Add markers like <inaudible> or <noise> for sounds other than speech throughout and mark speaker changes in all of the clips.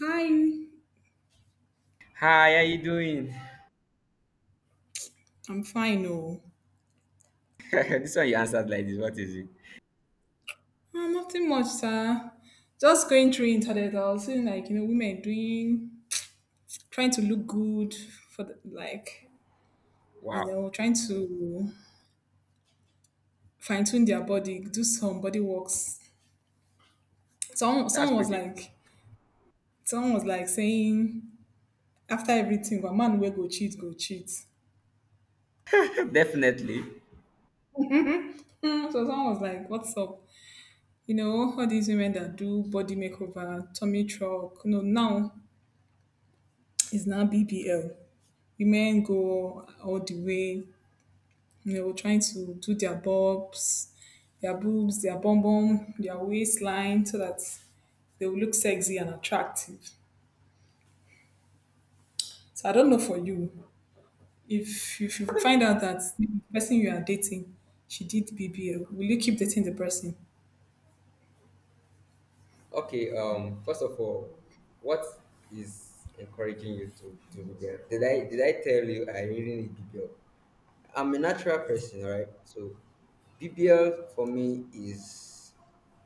Speaker 1: Hi,
Speaker 2: Hi, how you doing?
Speaker 1: I'm fine. Oh,
Speaker 2: <laughs> This one you answered like this. What is it?
Speaker 1: Nothing much, sir. Just going through internet. I was seeing, like, you know, women doing, trying to look good for the, like, you
Speaker 2: Wow,
Speaker 1: know, trying to fine tune their body, do some body works. Someone,
Speaker 2: that's
Speaker 1: someone was
Speaker 2: pretty.
Speaker 1: like, someone was like saying after everything, a man will go cheat, go cheat.
Speaker 2: <laughs> Definitely.
Speaker 1: Hmm, so someone was like, what's up? You know all these women that do body makeover, tummy truck. You know, now is now BBL. Women go all the way, you know, trying to do their bobs, their boobs, their bum bum, their waistline, so that they will look sexy and attractive. So I don't know for you, if you find out that the person you are dating, she did BBL, will you keep dating the person?
Speaker 2: Okay. First of all, what is encouraging you to do the. Did I tell you I really need BBL? I'm a natural person, right? So BBL for me is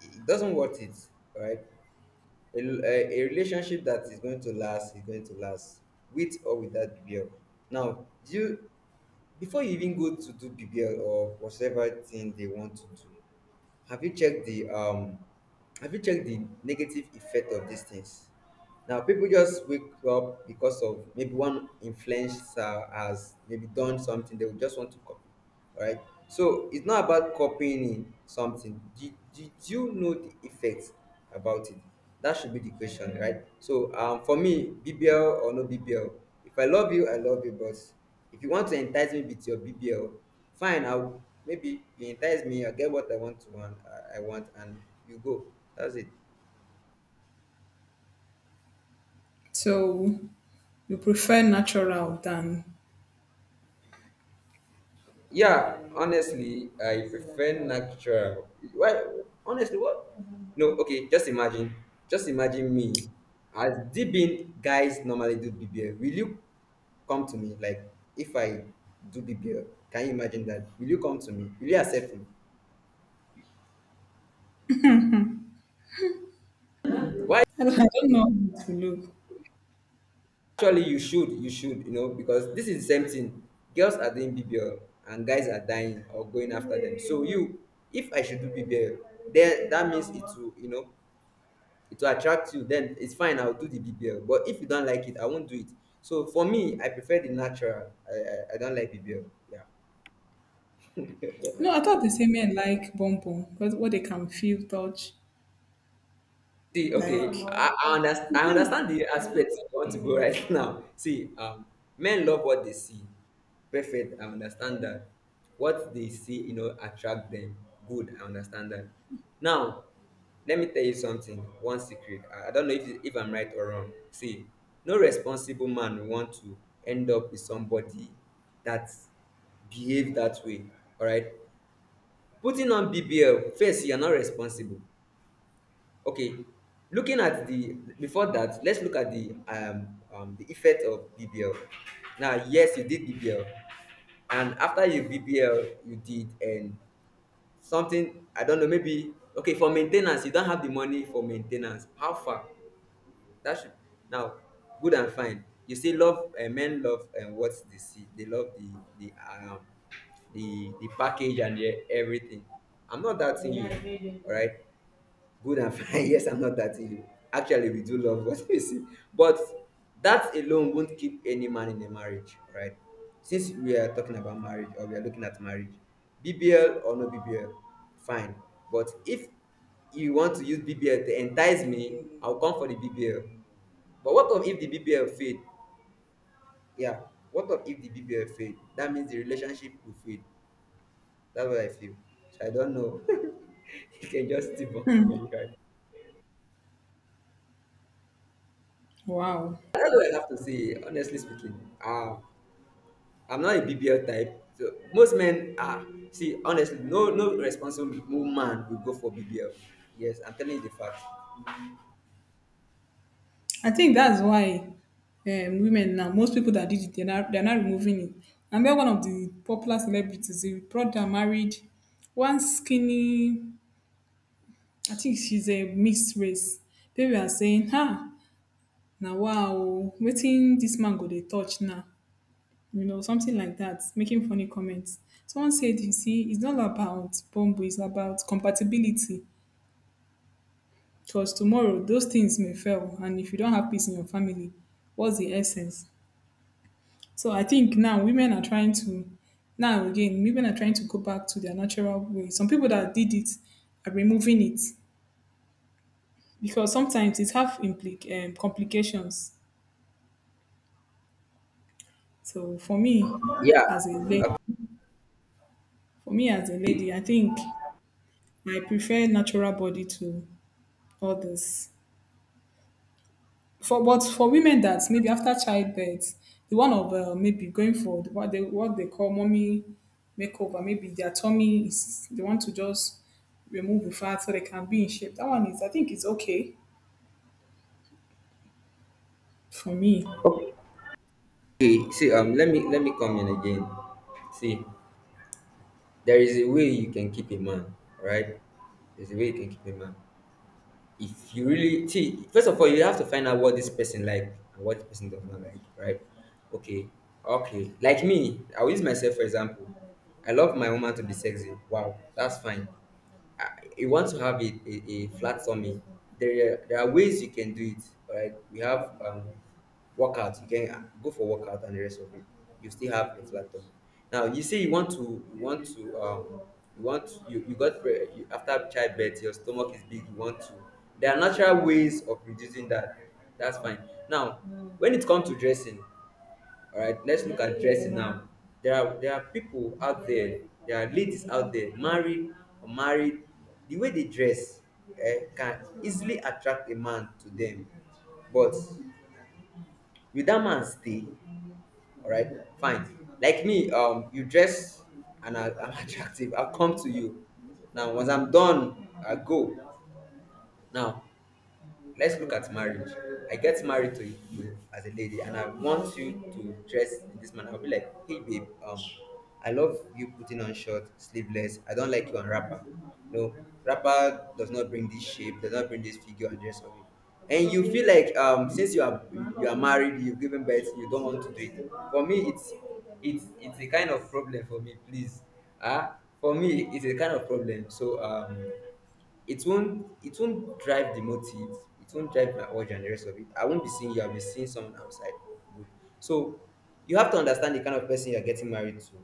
Speaker 2: it doesn't worth it, right? A relationship that is going to last is going to last with or without BBL. Now, do you before you even go to do BBL or whatever thing they want to do, have you checked the have you checked the negative effect of these things? Now people just wake up because of maybe one influencer has maybe done something they will just want to copy. All right. So it's not about copying in something. Did you know the effects about it? That should be the question, right? So for me, BBL or no BBL, if I love you, I love you, but if you want to entice me with your BBL, fine, I'll maybe you entice me, I get what I want to I want, and you go. That's it.
Speaker 1: So you prefer natural than
Speaker 2: Yeah, honestly, I prefer natural. Why? Honestly, what? No, okay. Just imagine. Just imagine me. As DBing guys normally do BBL, will you come to me? Like, if I do BBL, can you imagine that? Will you come to me? Will you accept me? Why?
Speaker 1: I don't know how to look.
Speaker 2: Actually, you should. You should. You know, because this is the same thing. Girls are doing BBL, and guys are dying or going after them. So you, if I should do BBL, then that means it will. You know, it will attract you, then it's fine. I'll do the BBL, but if you don't like it, I won't do it. So for me I prefer the natural. I don't like BBL, yeah.
Speaker 1: No, I thought they say men like bum bum, but what they can feel, touch,
Speaker 2: See, okay,
Speaker 1: like
Speaker 2: I understand the aspect you want to go right. <laughs> Now, see, men love what they see. Perfect, I understand that. What they see, you know, attract them. Good, I understand that. Now, let me tell you something. One secret. I don't know if I'm right or wrong. See, no responsible man will want to end up with somebody that behave that way. All right. Putting on BBL, first, you're not responsible. Okay, looking at the before that, let's look at the effect of BBL. Now, yes, you did BBL, and after you BBL, you did and something I don't know, maybe okay for maintenance you don't have the money for maintenance. How far? That should now good and fine. You see, love, men love and what they see. They love the um the package and the everything. I'm not doubting you, all right? Good and fine. <laughs> Yes, I'm not dating you. Actually, we do love what we <laughs> see. But that alone won't keep any man in a marriage, right? Since we are talking about marriage or we are looking at marriage, BBL or no BBL, fine. But if you want to use BBL to entice me, I'll come for the BBL. But what of if the BBL fade? Yeah. What of if the BBL fade? That means the relationship will fade. That's what I feel. So I don't know. <laughs> You can just debunk me, right?
Speaker 1: wow.
Speaker 2: That's what I have to say, honestly speaking. Uh, I'm not a BBL type. So most men are. See, honestly, no responsible woman will go for BBL. Yes, I'm telling you the fact.
Speaker 1: I think that's why women now, most people that did it, they're not removing it. And then one of the popular celebrities, the brother married one skinny, I think she's a mixed race. People are saying, ha, now wow, waiting this man go they touch now. You know, something like that, making funny comments. Someone said, you see, it's not about bumble, it's about compatibility. Because tomorrow, those things may fail. And if you don't have peace in your family, what's the essence? So I think now women are trying to now again women are trying to go back to their natural way. Some people that did it are removing it because sometimes it have complications. So for me
Speaker 2: Yeah.
Speaker 1: as a lady, for me as a lady, I think I prefer natural body to others. For but for women that maybe after childbirth, the one of maybe going for the- what they call mommy makeover, maybe their tummy is they want to just remove the fat so they can be in shape. That one is I think it's okay for me.
Speaker 2: Okay. See, let me come in again. See, there is a way you can keep a man, right? There's a way you can keep a man. If you really see, first of all you have to find out what this person like and what this person does not like, right? Okay. Okay, like me, I'll use myself for example. I love my woman to be sexy. Wow, that's fine. uh, you want to have a flat tummy, there are ways you can do it. All right, we have workout. You can go for workout and the rest of it. You still have a flat tummy. Now you say you want to you got after childbirth your stomach is big. You want to. There are natural ways of reducing that. That's fine. Now, when it comes to dressing, all right, let's look at dressing now. There are people out there, there are ladies out there, married or married. The way they dress, can easily attract a man to them. But will that man stay? All right, fine. Like me, you dress and I'm <laughs> attractive. I'll come to you. Now, once I'm done, I go. Now, let's look at marriage. I get married to you as a lady, and I want you to dress in this manner. I'll be like, hey babe, I love you putting on short, sleeveless. I don't like you on wrapper. No, wrapper does not bring this shape, does not bring this figure and dress of it. And you feel like, since you are married, you've given birth, you don't want to do it. For me, it's a kind of problem for me. Please, ah, for me, it's a kind of problem. So it won't drive the motive, it won't drive my urge and the rest of it. I won't be seeing you, I'll be seeing someone outside. Good. So you have to understand the kind of person you're getting married to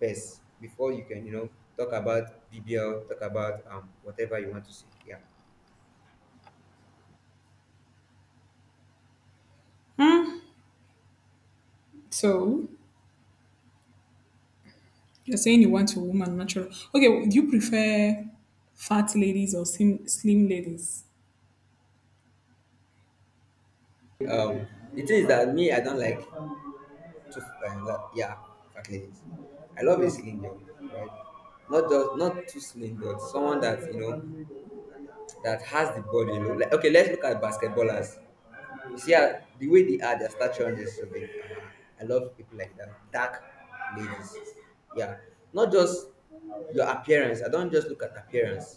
Speaker 2: first before you can, you know, talk about BBL, talk about whatever you want to say. Yeah.
Speaker 1: Hmm. So you're saying you want a woman natural? Okay, do you prefer fat ladies or slim ladies?
Speaker 2: um the thing is that me, I don't like to yeah, fat ladies. I love a slim girl, right? Not just not too slim, but someone that, you know, that has the body, you know, like, okay, let's look at basketballers. You see how the way they are, their stature and their something. I love people like that. Dark ladies. Yeah. Not just your appearance. I don't just look at appearance.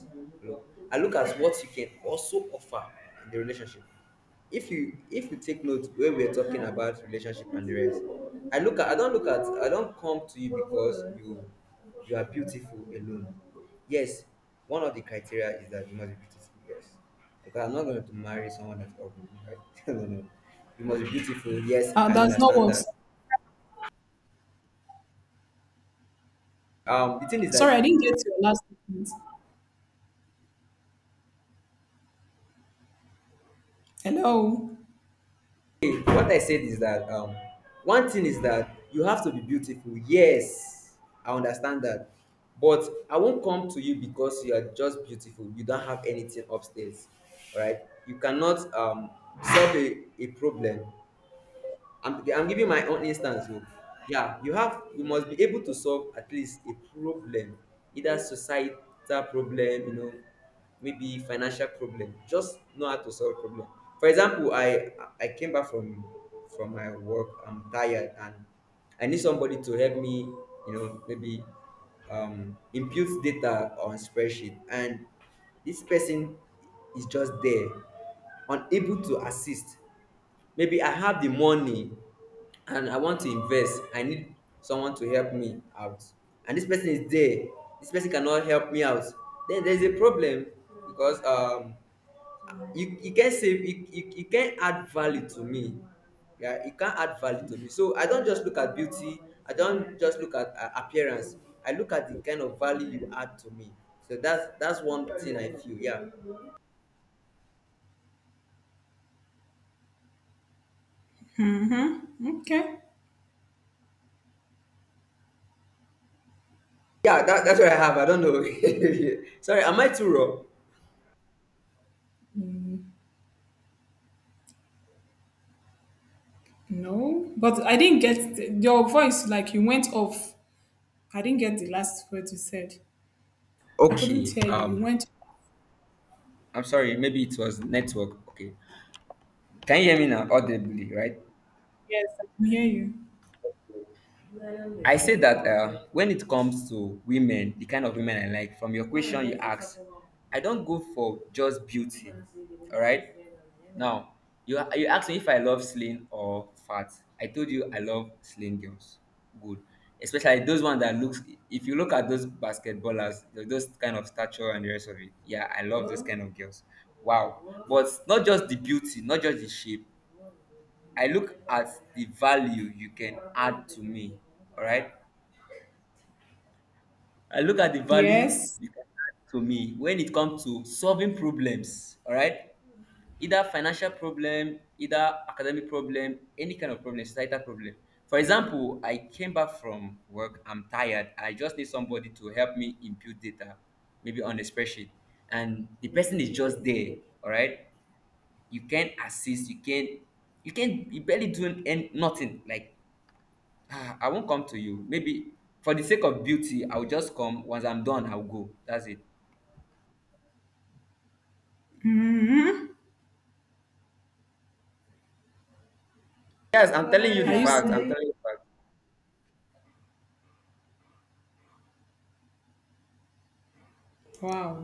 Speaker 2: Look. I look at what you can also offer in the relationship. If you take note, where we're talking about relationship and the rest, I don't come to you because you are beautiful alone. Yes, one of the criteria is that you must be beautiful, yes. Because I'm not going to marry someone that's ugly, right? <laughs> No, no. You must be beautiful. Yes, I
Speaker 1: That's not
Speaker 2: understand
Speaker 1: what.
Speaker 2: that. The thing is
Speaker 1: Sorry,
Speaker 2: that
Speaker 1: I didn't get your last statement. Hello.
Speaker 2: hey, what I said is that, one thing is that you have to be beautiful. Yes, I understand that. But I won't come to you because you are just beautiful. You don't have anything upstairs, right? You cannot solve a problem. I'm giving my own instance. Oh. Yeah, you must be able to solve at least a problem, either societal problem, you know, maybe financial problem. Just know how to solve problem. For example, I came back from my work. I'm tired and I need somebody to help me. You know, maybe, impute data on spreadsheet, and this person is just there, unable to assist. Maybe I have the money and I want to invest. I need someone to help me out. And this person is there. This person cannot help me out. Then there's a problem because, you can't save, you can't add value to me. Yeah, you can't add value to me. So I don't just look at beauty, I don't just look at appearance. I look at the kind of value you add to me. So that's one thing I feel. Yeah.
Speaker 1: Mm-hmm. Okay.
Speaker 2: Yeah, that's what I have. I don't know. <laughs> Sorry, am I too raw?
Speaker 1: No, but I didn't get your voice. Like you went off. I didn't get the last word you said. I couldn't
Speaker 2: Okay.
Speaker 1: hear you. You went.
Speaker 2: I'm sorry. Maybe it was network. Okay. Can you hear me now audibly, right?
Speaker 1: Yes, I can hear you.
Speaker 2: I say that, when it comes to women, the kind of women I like, from your question you ask, I don't go for just beauty. All right. Now, you asked me if I love slim or fat. I told you I love slim girls. Good. Especially those ones that looks. If you look at those basketballers, those kind of stature and the rest of it. Yeah, I love those kind of girls. Wow. But not just the beauty, not just the shape. I look at the value you can add to me. All right. I look at the value
Speaker 1: Yes.
Speaker 2: you can add to me when it comes to solving problems. All right. Either financial problem, either academic problem, any kind of problem, societal problem. For example, I came back from work. I'm tired. I just need somebody to help me input data, maybe on a spreadsheet. And the person is just there. All right. You can't assist. You can't. You can't. You barely doing nothing. Like, ah, I won't come to you. Maybe for the sake of beauty, I'll just come. Once I'm done, I'll go. That's it. Yes, I'm telling you
Speaker 1: Are
Speaker 2: the
Speaker 1: you
Speaker 2: fact.
Speaker 1: serious?
Speaker 2: I'm telling you the fact.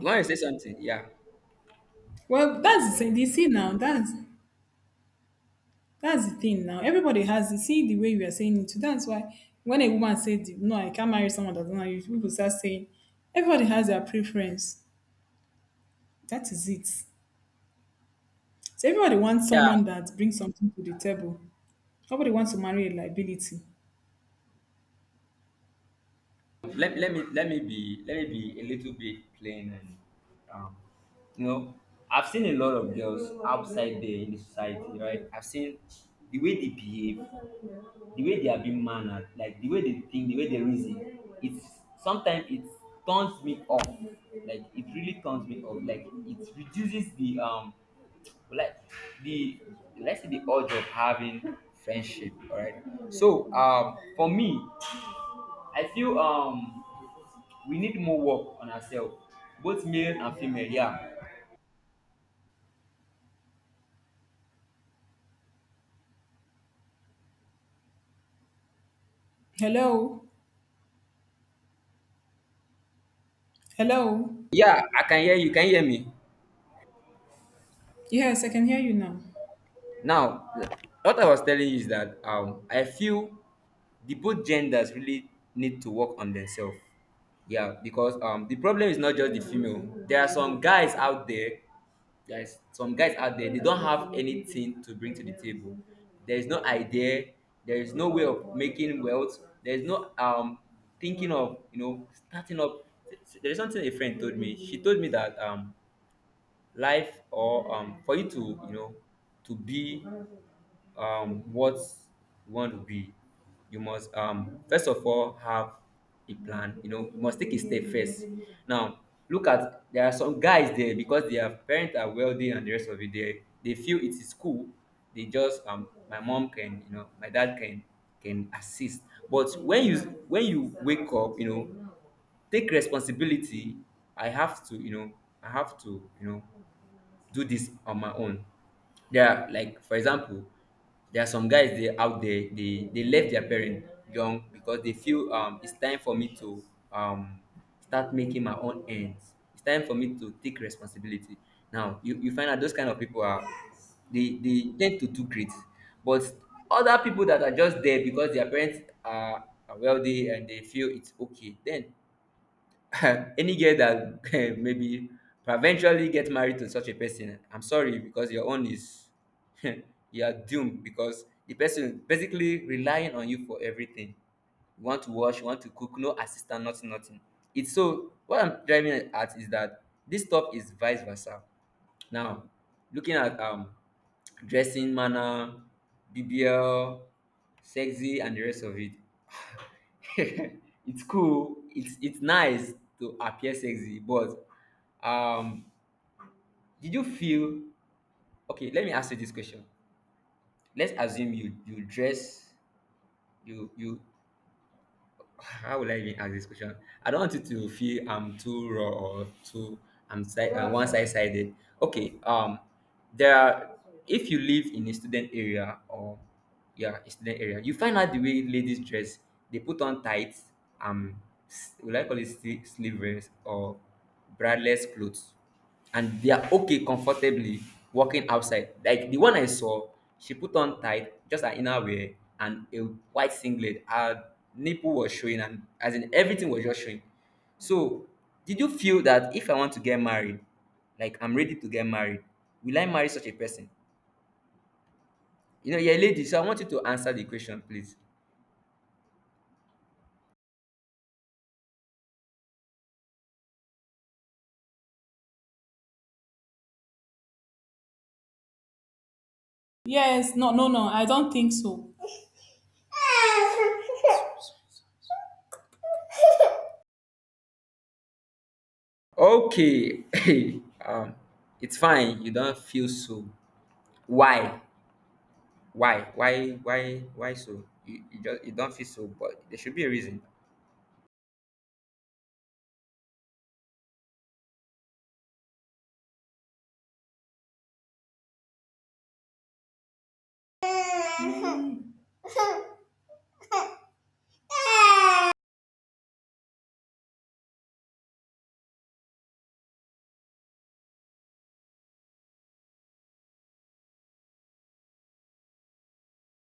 Speaker 2: You want to say something? Yeah.
Speaker 1: Well, that's the thing. You see now. That's the thing now. Everybody has. You see the way we are saying it. Too. That's why when a woman said, "No, I can't marry someone that doesn't know you," people start saying, "Everybody has their preference." That is it. So everybody wants
Speaker 2: Yeah.
Speaker 1: someone that brings something to the table. Nobody wants to marry a liability.
Speaker 2: Let me be let me be a little bit plain and um, you know I've seen a lot of girls outside there in the society, right? I've seen the way they behave, the way they are being mannered, like the way they think, the way they reason. It's sometimes it turns me off. Like, it really turns me off. Like, it reduces the, like, the, let's say, the urge of having friendship. All right. So, for me, I feel, we need more work on ourselves, both male and female. Yeah.
Speaker 1: Hello. Hello.
Speaker 2: Yeah, I can hear you. Can you hear me?
Speaker 1: Yes, I can hear you now.
Speaker 2: Now, what I was telling you is that, I feel the both genders really need to work on themselves. Yeah, because, the problem is not just the female. There are some guys out there. There's some guys out there. They don't have anything to bring to the table. There is no idea, there is no way of making wealth, there is no, thinking of, starting up. There is something a friend told me. She told me that, life, or, for you to, to be, what you want to be, you must, first of all, have a plan. You know, you must take a step first. Now look at, there are some guys there because their parents are wealthy and the rest of it. They feel it is cool. They just, my mom can, you know, my dad can assist. But when you, when you wake up, you know, take responsibility. i have to you know I have to, you know, do this on my own. There are, like, for example, there are some guys, they out there, they left their parents young because they feel, it's time for me to, um start making my own ends. It's time for me to take responsibility. Now you find out those kind of people are, they tend to do great, but other people that are just there because their parents are wealthy and they feel it's okay, then <laughs> any girl that <laughs> maybe eventually get married to such a person, I'm sorry, because your own is, <laughs> you are doomed, because the person basically relying on you for everything. You want to wash, you want to cook, no assistant, nothing, nothing. It's, so what I'm driving at is that this stuff is vice versa. Now, looking at, dressing manner, BBL, sexy and the rest of it, <laughs> it's cool. It's nice to appear sexy, but, um, did you feel, okay, let me ask you this question. Let's assume you dress, you how will I even ask this question? I don't want you to feel I'm too raw or too, I'm one sided. Okay, there are, if you live in a student area, or yeah, a student area, you find out the way ladies dress. They put on tights, um, will I call it sleeveless or bradless clothes? And they are okay, comfortably walking outside. Like, the one I saw, she put on tight, just an inner wear and a white singlet. Her nipple was showing, and, as in, everything was just showing. So, did you feel that if I want to get married, like I'm ready to get married, will I marry such a person? You know, you're a lady, so I want you to answer the question, please.
Speaker 1: Yes, no, no, no. I don't think so.
Speaker 2: Okay, <laughs> um, it's fine. You don't feel so. Why? Why so? You just, you don't feel so, but there should be a reason